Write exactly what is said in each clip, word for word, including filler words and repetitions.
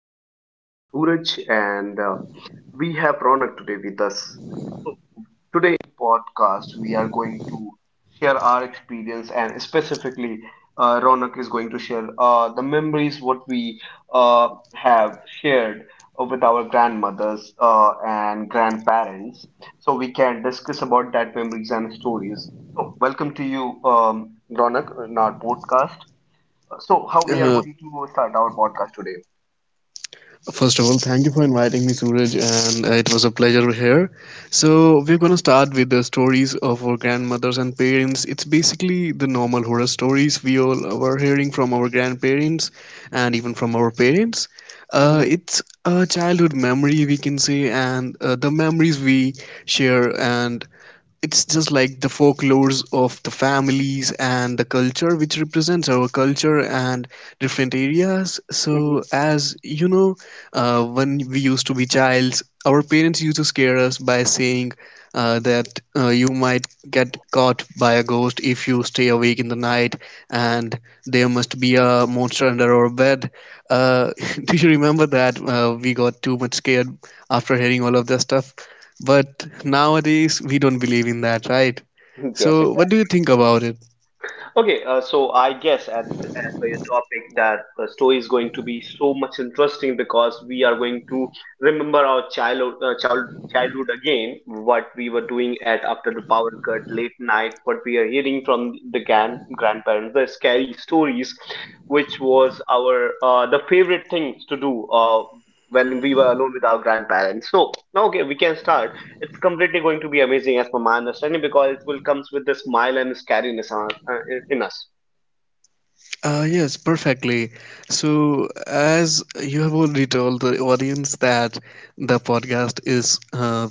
My name is Suraj, and uh, we have Ronak today with us. So today in podcast, we are going to share our experience, and specifically, uh, Ronak is going to share uh, the memories what we uh, have shared uh, with our grandmothers uh, and grandparents, so we can discuss about that memories and stories. So welcome to you, um, Ronak, in our podcast. So, how we are Uh, going to start our podcast today? First of all, thank you for inviting me, Suraj, and uh, it was a pleasure here. So, we're gonna start with the stories of our grandmothers and parents. It's basically the normal horror stories we all were hearing from our grandparents and even from our parents. Uh, hmm It's a childhood memory, we can say, and uh, the memories we share, and it's just like the folklores of the families and the culture which represents our culture and different areas. hmm So as you know, uh, when we used to be childs, our parents used to scare us by saying uh, that uh, you might get caught by a ghost if you stay awake in the night, and there must be a monster under our bed. uh, do you remember that uh, we got too much scared after hearing all of that stuff, but nowadays we don't believe in that, right? Yes, So, what do you exactly. think about it? Okay, uh, so I guess as per, as per your topic that the story is going to be so much interesting because we are going to remember our childhood, uh, child, childhood again, what we were doing at after the power cut, late night, what we are hearing from the grand, grandparents, the scary stories, which was our uh, the favorite things to do uh, when we were alone with our grandparents. So, okay, we can start. It's completely going to be amazing as per my understanding because it will comes with the smile and scariness on- uh, in in us. Uh, yes, perfectly. So, as you have already told the audience that the podcast is uh,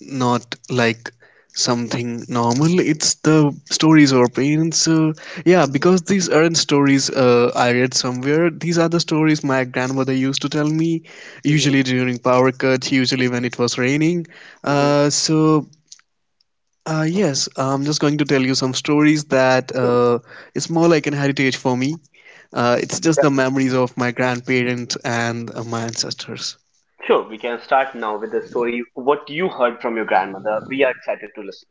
not like something normal, it's the stories of our parents. So, yeah, Mm-hmm. because these aren't stories uh, I read somewhere, these are the stories my grandmother used to tell me, Mm-hmm. usually during power cuts, usually when it was raining. Uh, so, Uh, yes, I'm just going to tell you some stories that Sure. uh, it's more like an heritage for me. Uh, it's just the Definitely. memories of my grandparents and uh, my ancestors. Sure, we can start now with the story. What you heard from your grandmother. We are excited to listen.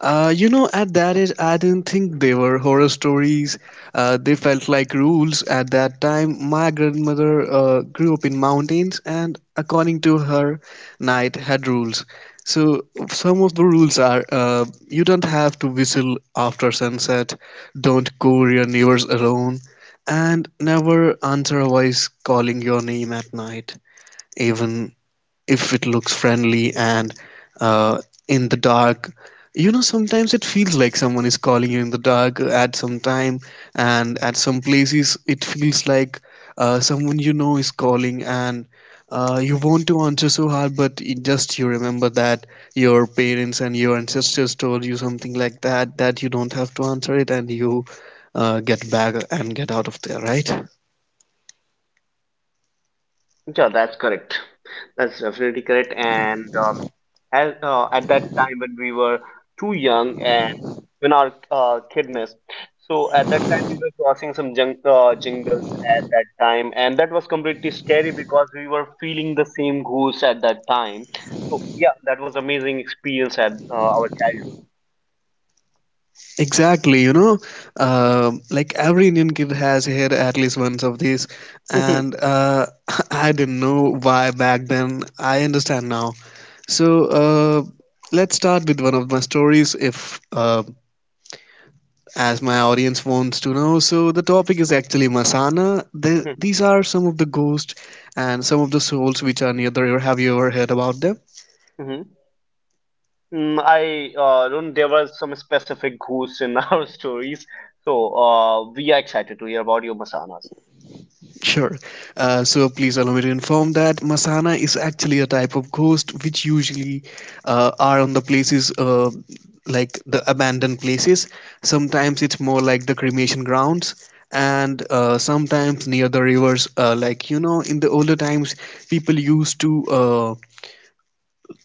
Uh, you know, at that age, I didn't think they were horror stories. Uh, they felt like rules at that time. My grandmother uh, grew up in mountains, and according to her, night had rules. So some of the rules are: uh, you don't have to whistle after sunset, don't call your neighbors alone, and never answer a voice calling your name at night, even if it looks friendly and uh, in the dark. You know, sometimes it feels like someone is calling you in the dark at some time, and at some places it feels like uh, someone you know is calling, and uh, you want to answer so hard, but it just you remember that your parents and your ancestors told you something like that, that you don't have to answer it, and you uh, get back and get out of there, right? Yeah, that's correct. That's definitely correct. And um, as, uh, at that time when we were too young and when our uh, kidness, so at that time we were crossing some jung uh, jungles at that time, and that was completely scary because we were feeling the same goose at that time. So yeah, that was amazing experience at uh, our Exactly, you know, Um like every Indian kid has had at least once of these, childhood. and uh, I didn't know why back then. I understand now. So uh, let's start with one of my stories, if uh, as my audience wants to know. So the topic is actually Masana. The, these are some of the ghosts and some of the souls which are near the river. Have you ever heard about them? hmm Mm, I uh, don't. There were some specific ghosts in our stories, so uh, we are excited to hear about your masanas. Sure. Uh, so please allow me to inform that Masana is actually a type of ghost which usually uh, are on the places uh, like the abandoned places. Sometimes it's more like the cremation grounds, and uh, sometimes near the rivers. Uh, like you know, in the older times, people used to uh,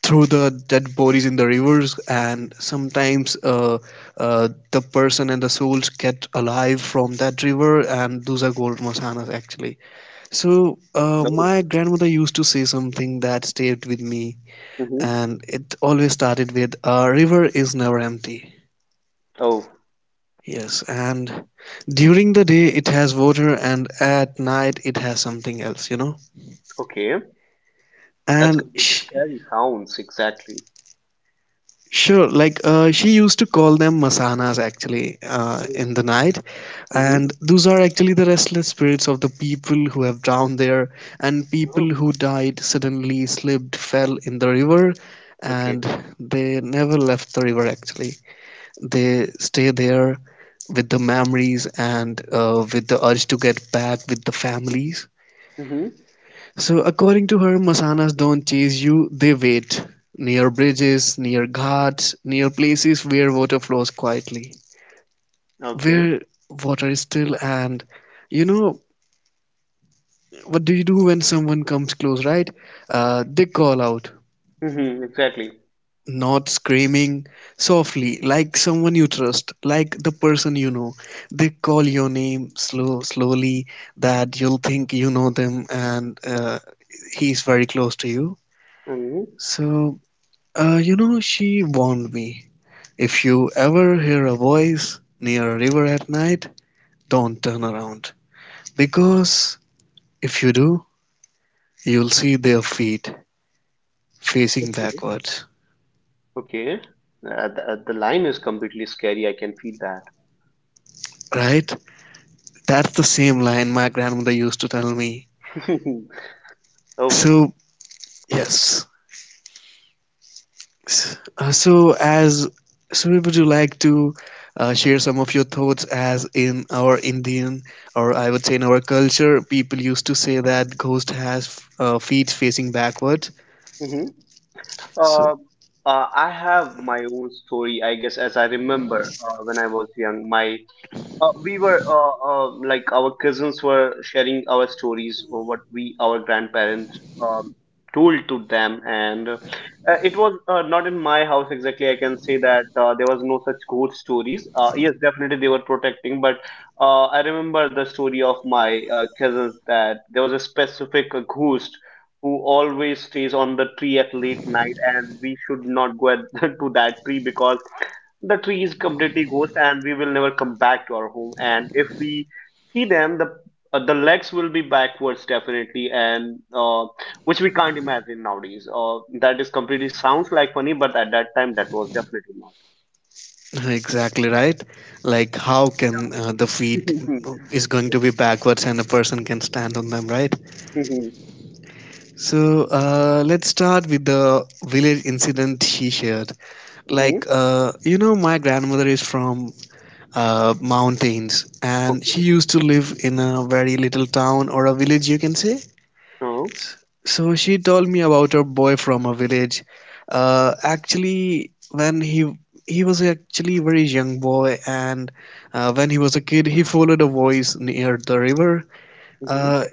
throw the dead bodies in the rivers, and sometimes uh, uh, the person and the souls get alive from that river, and those are called Masanas actually. So, uh, No. my grandmother used to say something that stayed with me, Mm-hmm. and it always started with, A river is never empty. Oh, Yes, and during the day it has water, and at night it has something else, you know? okay. That's And completely sh scary. Sounds exactly. Sure, like uh, she used to call them masanas actually uh, Oh. in the night, Mm-hmm. and those are actually the restless spirits of the people who have drowned there, and Oh. people who died suddenly slipped, fell in the river, Okay. and they never left the river actually. They stay there with the memories and uh, with the urge to get back with the families. Mm-hmm. So according to her, masanas don't chase you, they wait. Near bridges, near ghats, near places where water flows quietly. Okay. Where water is still and, you know, what do you do when someone comes close, right? Uh, they call out, Mm-hmm. Exactly. not screaming, softly, like someone you trust, like the person you know. They call your name slow, slowly, that you'll think you know them and uh, he's very close to you. Mm-hmm. So Uh, you know, she warned me. If you ever hear a voice near a river at night, don't turn around. Because if you do, you'll see their feet facing Okay. backwards. Okay. Uh, the, the line is completely scary. I can feel that. Right? That's the same line my grandmother used to tell me. Oh. So, yes. S- Uh, so, as so, would you like to uh, share some of your thoughts? As in our Indian, or I would say in our culture, people used to say that ghost has uh, feet facing backward. Mm-hmm. Uh, So uh, I have my own story, I guess, as I remember uh, when I was young. My uh, we were uh, uh, like our cousins were sharing our stories or what we our grandparents um, told to them and uh, it was uh, not in my house exactly. I can say that uh, there was no such ghost stories. Uh, yes, definitely they were protecting, but uh, I remember the story of my uh, cousins that there was a specific uh, ghost who always stays on the tree at late night, and we should not go at, to that tree because the tree is completely ghost and we will never come back to our home, and if we see them the uh, the legs will be backwards, definitely, and uh, which we can't imagine nowadays. Uh, that is completely sounds like funny, but at that time that was definitely not. exactly right. Like how can uh, the Yeah. feet is going Yes. to be backwards and a person can stand on them, right? Mm-hmm. So uh, let's start with the village incident she shared. Mm-hmm. Like uh, you know, my grandmother is from uh, mountains, and she Okay. used to live in a very little town or a village, you can say. Oh. So she told me about a boy from a village. Uh, actually, when he he was actually a very young boy, and uh, when he was a kid, he followed a voice near the river. Mm-hmm. Uh,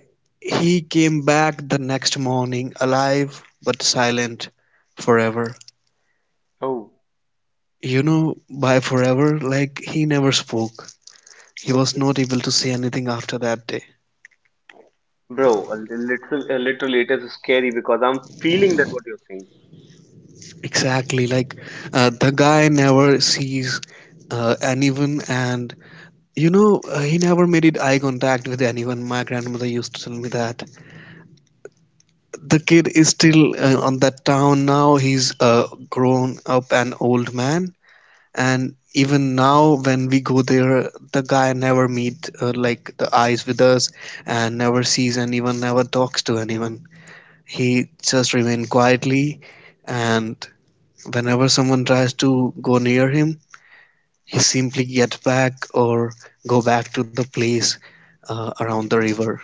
he came back the next morning, alive but silent, forever. Oh. You know, by forever, like he never spoke. He was Okay. not able to say anything after that day. Bro, a li- little a little it is scary because I'm feeling that what you're saying. Exactly, like uh, the guy never sees uh, anyone, and you know, uh, he never made it eye contact with anyone. My grandmother used to tell me that the kid is still uh, on that town now. He's uh, grown up an old man, and even now when we go there, the guy never meet uh, like the eyes with us, and never sees anyone, never talks to anyone. He just remain quietly, and whenever someone tries to go near him, he simply get back or go back to the place uh, around the river.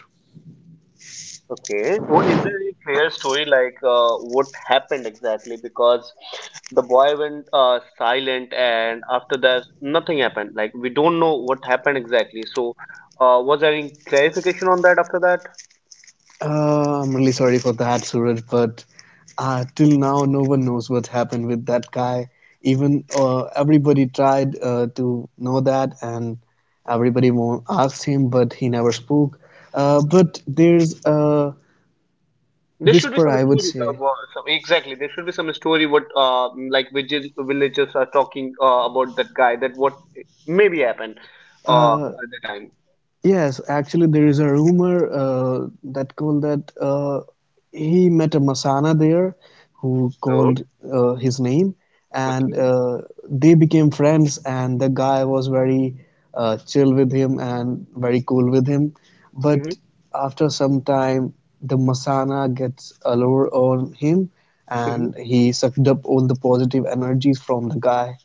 Okay. Well, is there any clear story like uh, what happened exactly? Because the boy went uh, silent, and after that, nothing happened. Like we don't know what happened exactly. So, uh, was there any clarification on that after that? Uh, I'm really sorry for that, Suraj, but uh, till now, no one knows what happened with that guy. Even uh, everybody tried uh, to know that, and everybody mo- asked him, but he never spoke. Uh, but there's a There should be whisper, some I would story. The, say. Wo- some, exactly. There should be some story. What uh, like village, villagers are talking uh, about that guy. That what maybe happened uh, Uh, at the time. Yes, actually, there is a rumor uh, that called that uh, he met a Masana there who So called uh, his name, and okay. uh, they became friends. And the guy was very uh, chill with him and very cool with him. Mm-hmm. But after some time, the Masana gets a lure on him, Mm-hmm. and he sucked up all the positive energies from the guy.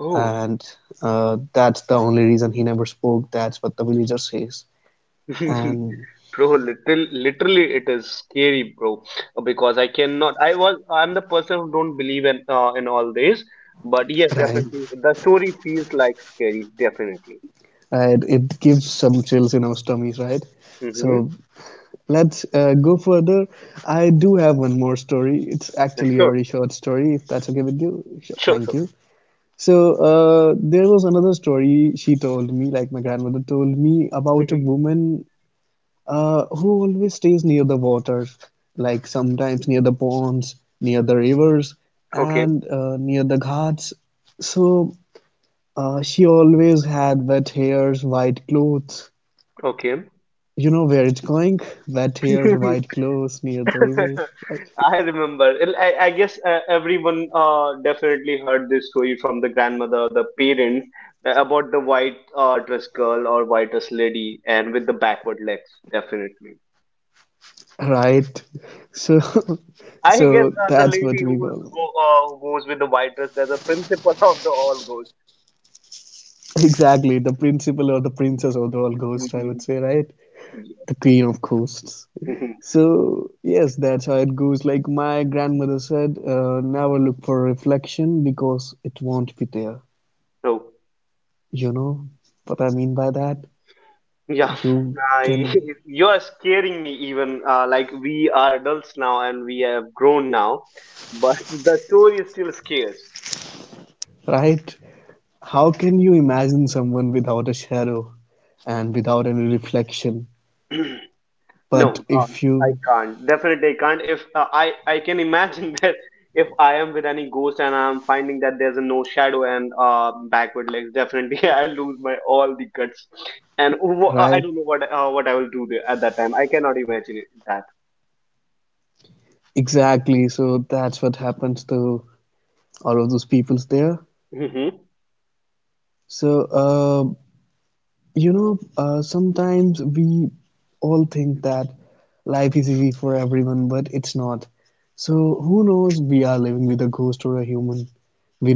Oh. And uh, that's the only reason he never spoke. That's what the villager says. And Bro, literally, literally, it is scary, bro. Because I cannot. I was. I'm the person who don't believe in uh, in all this. But yes, right, definitely, the story feels like scary. Definitely. right. It gives some chills in our tummies, right? Mm-hmm. So let's uh, go further. I do have one more story. It's actually a Sure. very short story, if that's okay with you. Sure, Sure. thank Sure. you. So uh, there was another story she told me, like my grandmother told me about a Mm-hmm. woman uh, who always stays near the water, like sometimes near the ponds, near the rivers, Okay. and uh, near the ghats. So Uh, she always had wet hairs, white clothes. Okay. You know where it's going? Wet hairs, white clothes near the river, right? I remember. Well, I, I guess uh, everyone uh, definitely heard this story from the grandmother, the parents, uh, about the white uh, dress girl or white dress lady, and with the backward legs. Definitely. Right. So, so that's I what we guess uh, call the lady who's go- uh, who goes with the white dress, there's a principal of the all ghosts. exactly the principal or the princess or the all ghost, I would say, right? Mhm. The queen Yeah. of ghosts. So, Mhm. yes, that's how it goes. Like my grandmother said, uh, never look for reflection because it won't be there. So You know what I mean by that? yeah, You can, I, you are scaring me. Even uh, like we are adults now and we have grown now, but the story still scares. right? How can you imagine someone without a shadow and without any reflection? But No, if um, you, I can't. Definitely, I can't. If uh, I, I can imagine that if I am with any ghost and I'm finding that there's a no shadow and uh, backward legs, definitely I lose my all the guts, and wh- uh, I right? don't know what uh, what I will do there at that time. I cannot imagine it, that. Exactly. So that's what happens to all of those peoples there. Hmm. So, uh, you know, uh, sometimes we all think that life is easy for everyone, but it's not. So, who knows? We are living with a ghost or a human.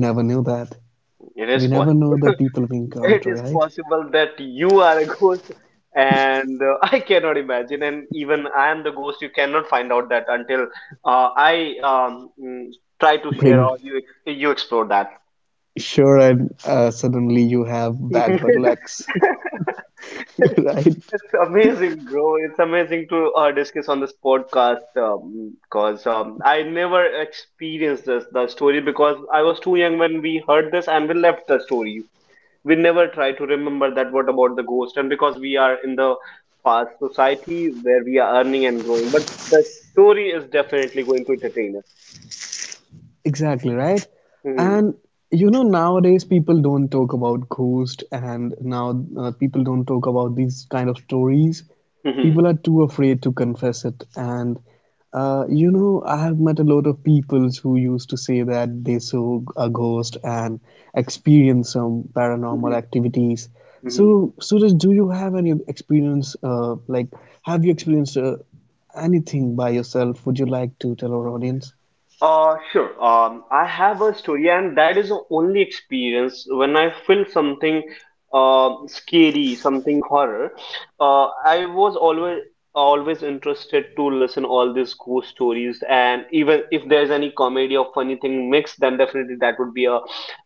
We never knew that. It is We possible. never know the people we It is encounter, right? possible that you are a ghost, and uh, I cannot imagine. And even I am the ghost. You cannot find out that until uh, I um, mm, try to share or Bring you ex- you explore that. Sure, and uh, suddenly you have It's backward legs, right? amazing, bro. It's amazing to uh, discuss on this podcast because um, 'cause, um, I never experienced this the story because I was too young when we heard this and we left the stories. We never try to remember that what about the ghost, and because we are in the fast society where we are earning and growing, but the story is definitely going to entertain us. Exactly, right? Hmm. And you know, nowadays people don't talk about ghost, and now uh, people don't talk about these kind of stories. Hmm. People are too afraid to confess it. And uh, you know, I have met a lot of people who used to say that they saw a ghost and experienced some Hmm. paranormal activities. Hmm. So, Suraj, do you have any experience? Uh, like, have you experienced uh, anything by yourself? Would you like to tell our audience? Uh, sure. Um, I have a story, and that is the only experience when I feel something uh, scary, something horror. Uh, I was always always interested to listen all these ghost stories, and even if there's any comedy or funny thing mixed, then definitely that would be a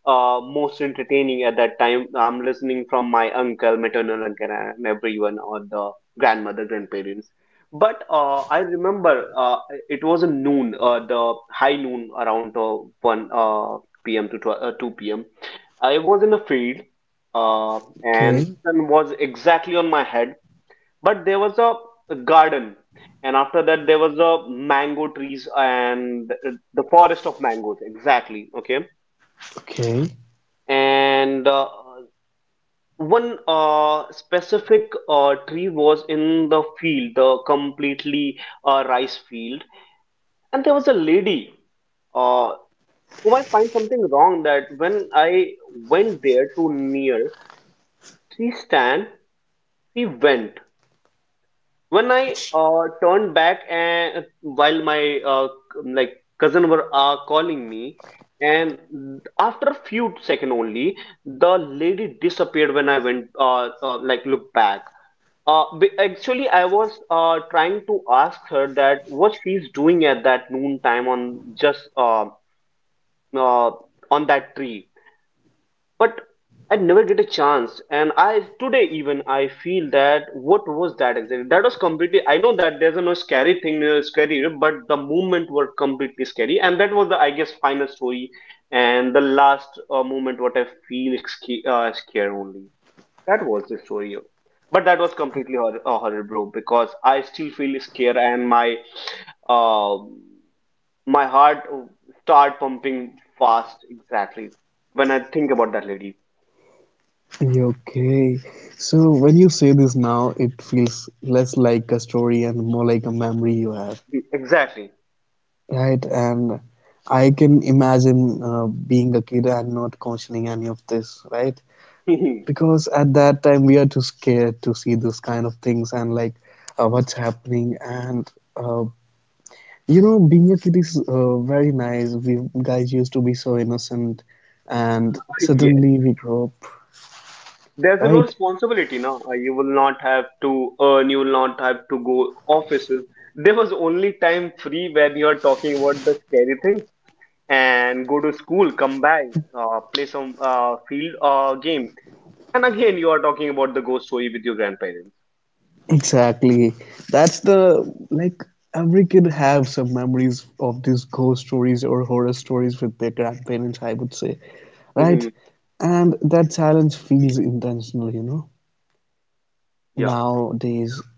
uh, most entertaining at that time. I'm listening from my uncle, maternal uncle, and everyone or the grandmother, grandparents, but uh, I remember uh, it was a noon, uh, the high noon around uh, one p m to twelve, uh, two p m. I was in a field uh, and Okay. sun was exactly on my head, but there was a, a garden, and after that there was a mango trees and the forest of mangoes, exactly, okay. Okay, And uh, one uh, specific uh, tree was in the field, the completely uh, rice field, and there was a lady uh, whom I find something wrong that when I went there to near, she stand, she went. When I uh, turned back and while my uh, like cousin were uh, calling me, and after a few second only, the lady disappeared when I went uh, uh, like look back. Uh, b- actually, I was uh, trying to ask her that what she's doing at that noon time on just uh. uh, on that tree, but I never get a chance, and I today even I feel that what was that exactly. That was completely, I know that there's a no scary thing uh, scary, but the movement were completely scary, and that was the, I guess, final story and the last uh, moment what I feel sca- uh, scare only. That was the story, but that was completely horror, uh, horror, bro, because I still feel scared, and my um my heart start pumping fast exactly when I think about that lady. okay. So when you say this now, it feels less like a story and more like a memory you have, Exactly. right? And I can imagine uh, being a kid and not questioning any of this, right? Yes. Because at that time we are too scared to see this kind of things and like uh, what's happening. And uh, you know, being a kid is uh, very nice. We guys used to be so innocent, and suddenly we grow up, There's no right? responsibility now. You will not have to earn, you will not have to go offices. There was only time free when you're talking about the scary thing, and go to school, come back, uh, play some uh, field uh, game, and again you are talking about the ghost story with your grandparents. Exactly. That's the like every kid have some memories of these ghost stories or horror stories with their grandparents, I would say, Hmm. right? And that silence feels intentional, you know, Yeah, nowadays.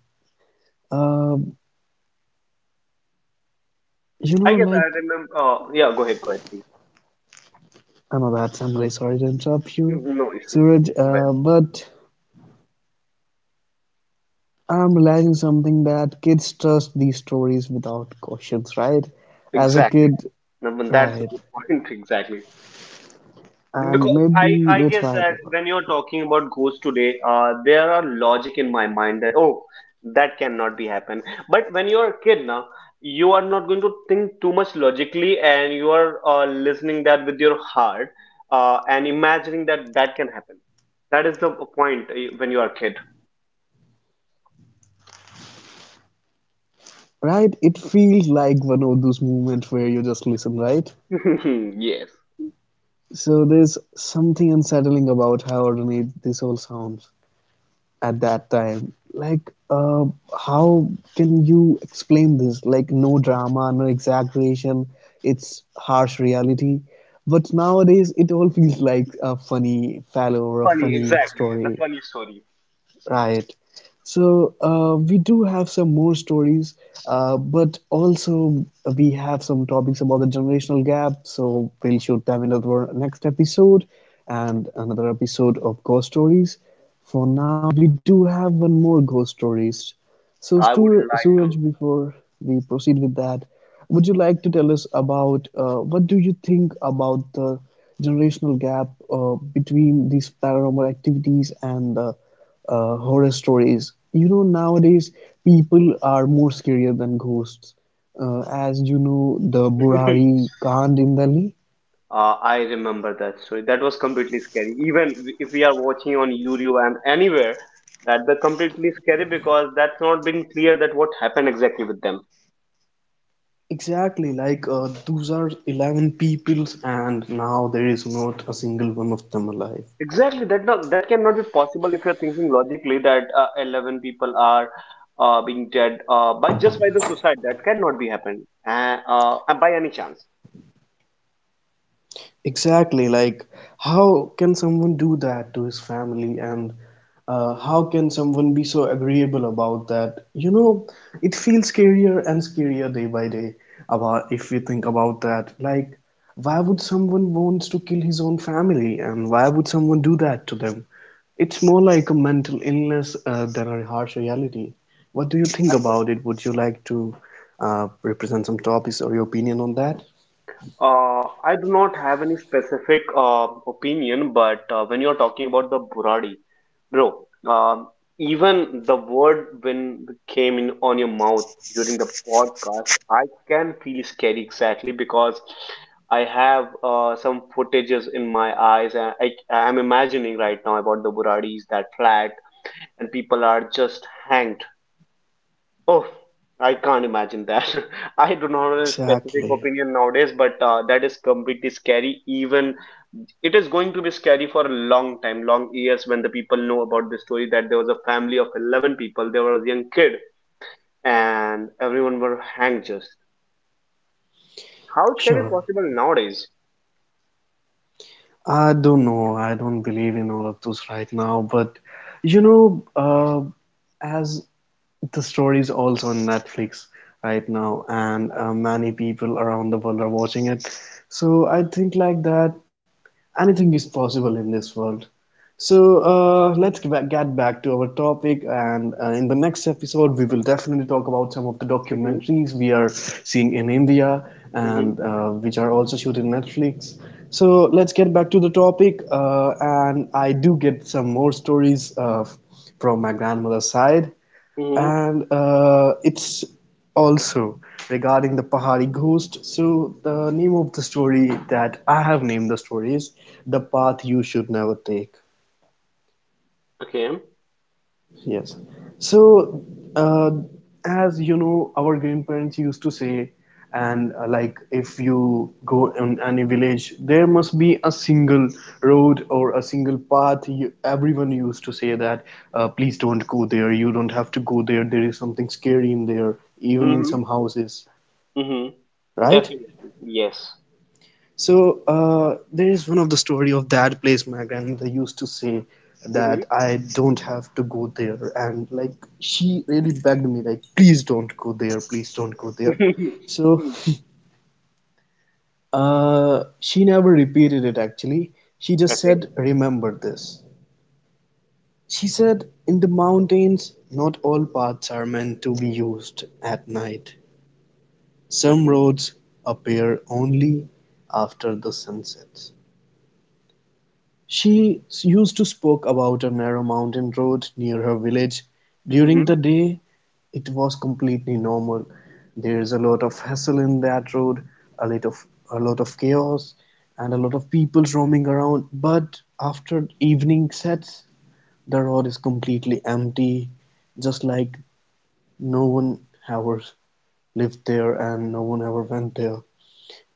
Um, i you guess know, i like remember uh, yeah, go ahead, go ahead, please. I know that I'm really sorry to interrupt you, No issue. Suraj, Go ahead. uh, but I'm realizing something that kids trust these stories without questions, right? As a Exactly. kid, Naman, that's a good right? point. Exactly. Because And I, I maybe guess that's that why they when were. you're talking about ghosts today, uh, there are logic in my mind that, oh, that cannot be happen. But when you're a kid now, you are not going to think too much logically, and you are uh, listening that with your heart uh, and imagining that that can happen. That is the point uh, when you are a kid. Right? It feels like one of those moments where you just listen, right? Yes. So there's something unsettling about how ornate this all sounds at that time. Like, uh, how can you explain this? Like, no drama, no exaggeration, it's harsh reality. But nowadays, it all feels like a funny fellow or Funny, a funny exactly. The funny story. story. Right. So uh, we do have some more stories, uh, but also we have some topics about the generational gap. So we'll shoot them in our next episode and another episode of ghost stories. For now, we do have one more ghost stories. So I would Stur- Suraj, like before we proceed with that, would you like to tell us about uh, what do you think about the generational gap uh, between these paranormal activities and the uh, horror stories. You know, nowadays people are more scarier than ghosts. Uh, as you know, the to. Burari Kand in Delhi. Uh, I remember that story. That was completely scary. Even if we are watching on YouTube and anywhere, that the completely scary because that's not been clear that what happened exactly with them. Exactly, like uh, those are eleven peoples, and now there is not a single one of them alive. Exactly, that not, that cannot be possible if you're thinking logically that uh, eleven people are uh, being dead uh, by just by the suicide. That cannot be happened uh, uh, by any chance. Exactly. Like, how can someone do that to his family? And uh, how can someone be so agreeable about that? You know, it feels scarier and scarier day by day about if we think about that. Like, why would someone wants to kill his own family? And why would someone do that to them? It's more like a mental illness uh, than a harsh reality. What do you think I guess. about it? Would you like to uh, represent some topics or your opinion on that? Uh, I do not have any specific uh, opinion, but uh, when you're talking about the Buradi, bro, um, even the word when came in on your mouth during the podcast, I can feel scary exactly because I have uh, some footages in my eyes, and I, I am imagining right now about the Buradis, that flat, and people are just hanged. Oh, I can't imagine that. I do not have a specific Exactly. opinion nowadays, but uh, that is completely scary. Even it is going to be scary for a long time, long years when the people know about the story that there was a family of eleven people, there was a young kid, and everyone were hanged just. How it can be Sure. possible nowadays? I don't know. I don't believe in all of those right now. But you know, uh, as the story is also on Netflix right now, and uh, many people around the world are watching it. So I think like that anything is possible in this world. So uh, let's get back get back to our topic, and uh, in the next episode, we will definitely talk about some of the Mm-hmm, documentaries we are seeing in India mm-hmm, and uh, which are also shooting Netflix. So let's get back to the topic, uh, and I do get some more stories uh, from my grandmother's side mm-hmm. and uh, it's also regarding the Pahari ghost. So the name of the story that I have named the story is "The Path You Should Never Take." Okay. Yes. So, uh, as you know, our grandparents used to say, and uh, like if you go in any village, there must be a single road or a single path. You, everyone used to say that, uh, please don't go there. You don't have to go there. There is something scary in there, even in Mm-hmm, some houses, mm-hmm. right? Definitely. Yes. So uh, there is one of the story of that place my grandmother used to say Mm-hmm. that I don't have to go there and like she really begged me like please don't go there please don't go there so uh, she never repeated it actually. She just Okay. said remember this. She said in the mountains not all paths are meant to be used at night. Some Okay. roads appear only after the sunsets. She used to spoke about a narrow mountain road near her village. During Mm-hmm. the day it was completely normal. There's a lot of hassle in that road, a lot of a lot of chaos and a lot of people roaming around, but after evening sets the road is completely empty, just like no one ever lived there and no one ever went there.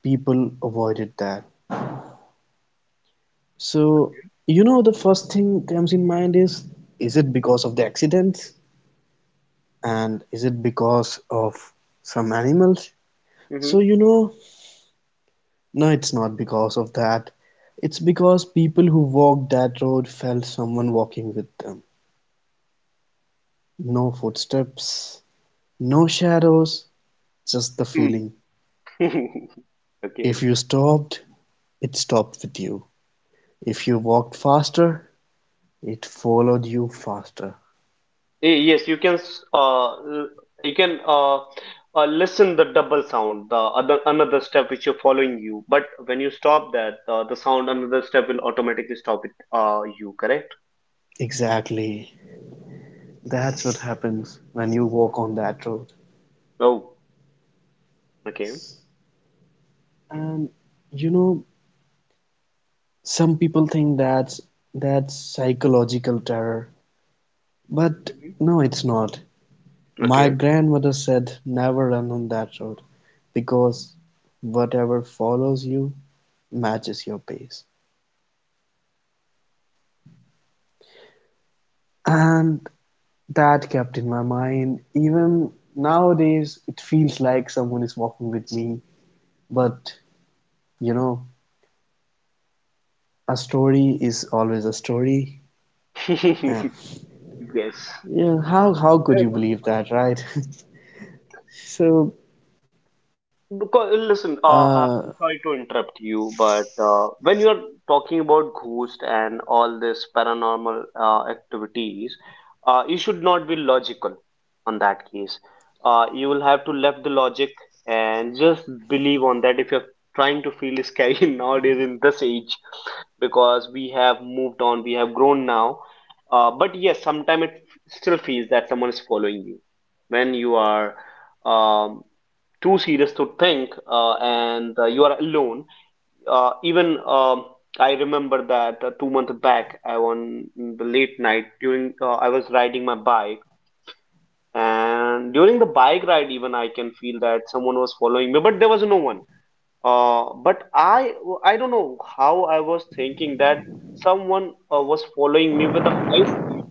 People avoided that. So, Okay. you know, the first thing comes in mind is is it because of the accidents and is it because of some animals? So, Mm-hmm, you know, no, it's not because of that. It's because people who walked that road felt someone walking with them. No footsteps, no shadows, just the feeling. mm-hmm. Okay. If you stopped, it stopped with you. If you walked faster, it followed you faster. Eh, yes, you can s- uh l- you can uh, uh listen the double sound, the other another step which you're following you, but when you stop that uh, the sound another step will automatically stop it, uh you correct? Exactly. That's what happens when you walk on that road. Oh, okay. And you know, some people think that's that's psychological terror, but Mhm. no, it's not. My Okay. grandmother said never run on that road because whatever follows you Hmm. matches your pace. And that kept in my mind. Even nowadays, it feels like someone is walking with me, but you know, a story is always a story, and Yes. Yeah, how how could That you is believe all. that, right? So, Because listen, uh, uh, uh, I'm sorry to interrupt you, but uh, when you're talking about ghost and all this paranormal uh, activities, uh, you should not be logical on that case. Uh, you will have to left the logic and just believe on that if you're trying to feel scary nowadays in this age, because we have moved on, we have grown now. Uh, but yes, sometimes it still feels that someone is following you when you are. Um, Too serious to think, uh, and uh, you are alone. Uh, even um I remember that uh, two months back, I on the late night during uh, I was riding my bike, and during the bike ride, even I can feel that someone was following me, but there was no one. Uh, but I I don't know how I was thinking that someone uh, was following me with a high speed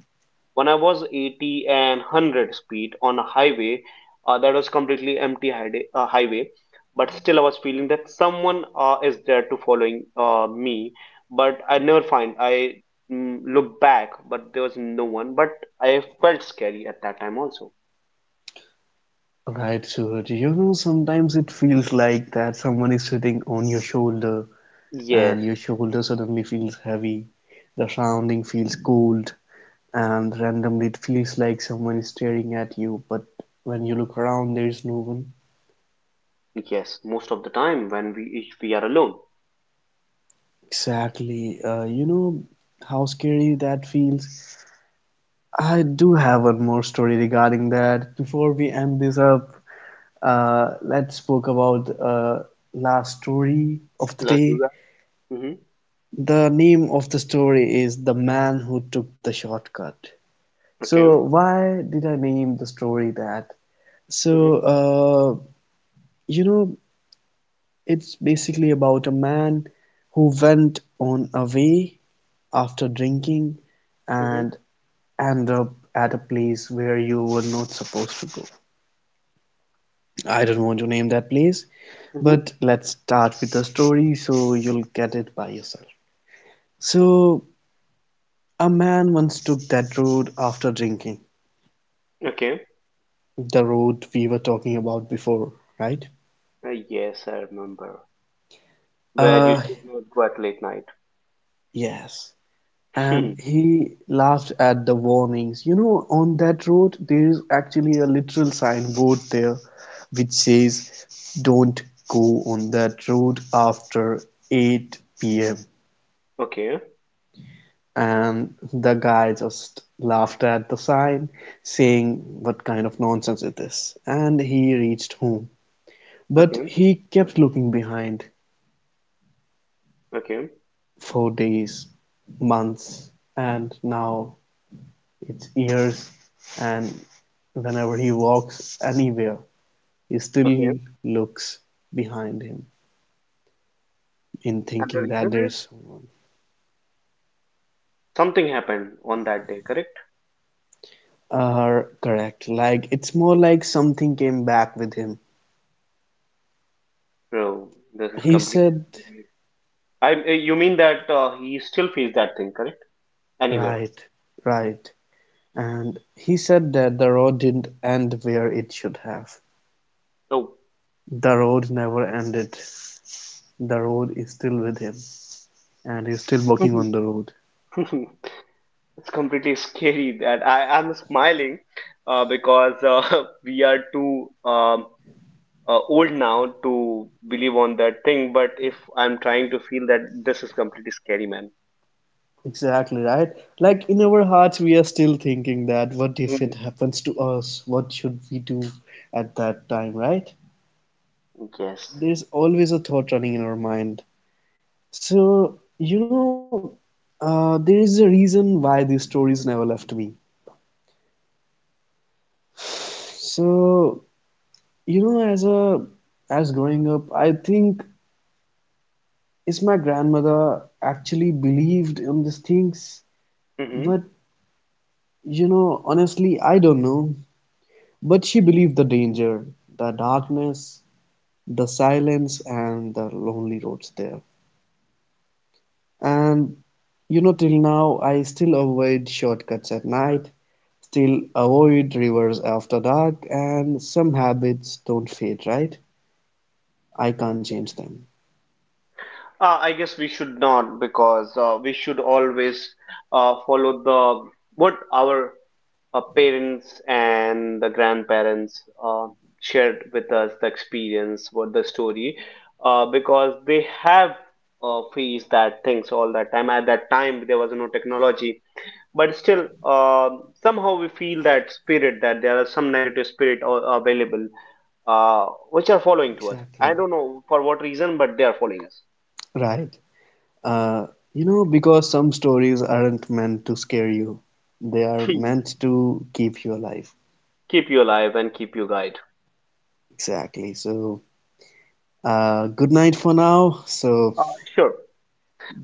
when I was eighty and a hundred speed on a highway, uh, that was completely empty hide- uh, highway, but still I was feeling that someone uh, is there to following uh, me, but I never find. I mm, look back, but there was no one, but I felt scary at that time also. right, so you know sometimes it feels like that someone is sitting on your shoulder yes and your shoulder suddenly feels heavy, the surrounding feels cold, and randomly it feels like someone is staring at you, but when you look around, there's no one. yes, most of the time when we, if we are alone. Exactly. Uh, you know how scary that feels? I do have one more story regarding that before we Mhm. end this up. Uh, let's spoke about uh, last story of the Let's do day. that. Hmm. The name of the story is "The Man Who Took the Shortcut." So Okay. why did I name the story that? So Hmm. uh, you know, it's basically about a man who went on a way after drinking Hmm. and end up at a place where you were not supposed to go. I don't want to name that place, Hmm. but let's start with the story so you'll get it by yourself. So, a man once took that road after drinking, Okay. the road we were talking about before, right? Uh, yes, I remember where you Uh, should not go at late night. yes. And he laughed at the warnings. You know, on that road, there is actually a literal signboard there which says, Don't go on that road after eight p m. Okay, And the guy just laughed at the sign, saying what kind of nonsense it is. And he reached home. But okay, he kept looking behind okay, for days, months, and now it's years. And whenever he walks anywhere, he okay. still looks behind him in And the thinking that reason is there's someone. something happened on that day, correct? Are correct. Like it's more like something came back with him. Bro, this is He completely said, scary. I, uh, you mean that uh, he still feels that thing, correct? Anywhere. Right, right. And he said that the road didn't end where it should have. No. The road never ended. The road is still with him, and he's still walking It's on the road. completely scary that I am smiling, uh, because uh, we are too um, uh, old now to believe on that thing. But if I'm trying to feel that, this is completely scary, man. Exactly, right? Like in our hearts, we are still thinking that what if it Mhm. happens to us? What should we do at that time, right? Yes. There's always a thought running in our mind. So, you know, uh, there is a reason why these stories never left me. So, you know, as a as growing up, I think is my grandmother actually believed in these things? But Mm-hmm. you know, honestly, I don't know. But she believed the danger, the darkness, the silence, and the lonely roads there. And you know, till now, I still avoid shortcuts at night, still avoid rivers after dark, and some habits don't fade, right? I can't change them. Uh, I guess we should not, because uh, we should always uh, follow the what our uh, parents and the grandparents uh, shared with us, the experience, what the story, uh, because they have uh, faced that things all that time. At that time, there was no technology, but still, uh, somehow we feel that spirit that there are some negative spirit a- available, uh, which are following to us. I don't Exactly. know for what reason, but they are following us. Right. Uh, you know, because some stories aren't meant to scare you, they are meant to keep you alive. Keep you alive and keep you guide. Exactly. So, uh, good night for now. So, Uh, sure.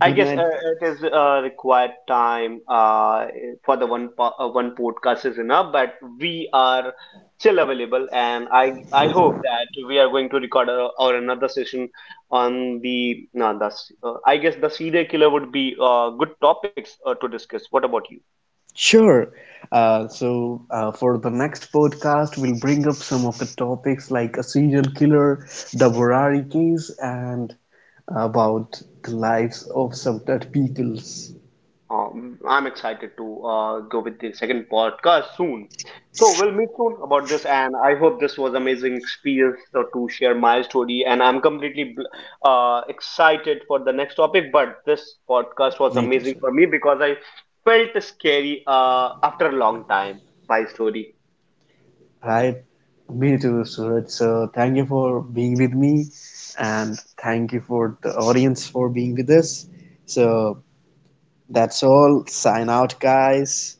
I guess night. uh, it is uh, required time uh, for the one po- uh, one podcast is enough, but we are still available, and I I hope that we are going to record our, our another session on the no, the uh, I guess the serial killer would be uh, good topics uh, to discuss. What about you? Sure. Uh, so, uh, for the next podcast, we'll bring up some of the topics like a serial killer, the Borari case, and about the lives of some dead people's. Um, I'm excited to uh, go with the second podcast soon. So we'll meet soon about this, and I hope this was amazing experience so to share my story. And I'm completely bl- uh, excited for the next topic. But this podcast was Me too, sir. amazing for me because I felt scary uh, after a long time. My story. Right. Me too, Suraj. So thank you for being with me and thank you for the audience for being with us. So that's all. Sign out, guys.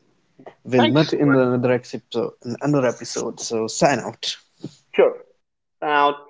We'll Thank you meet so in much. another episode, in another episode. So sign out. Sure. Now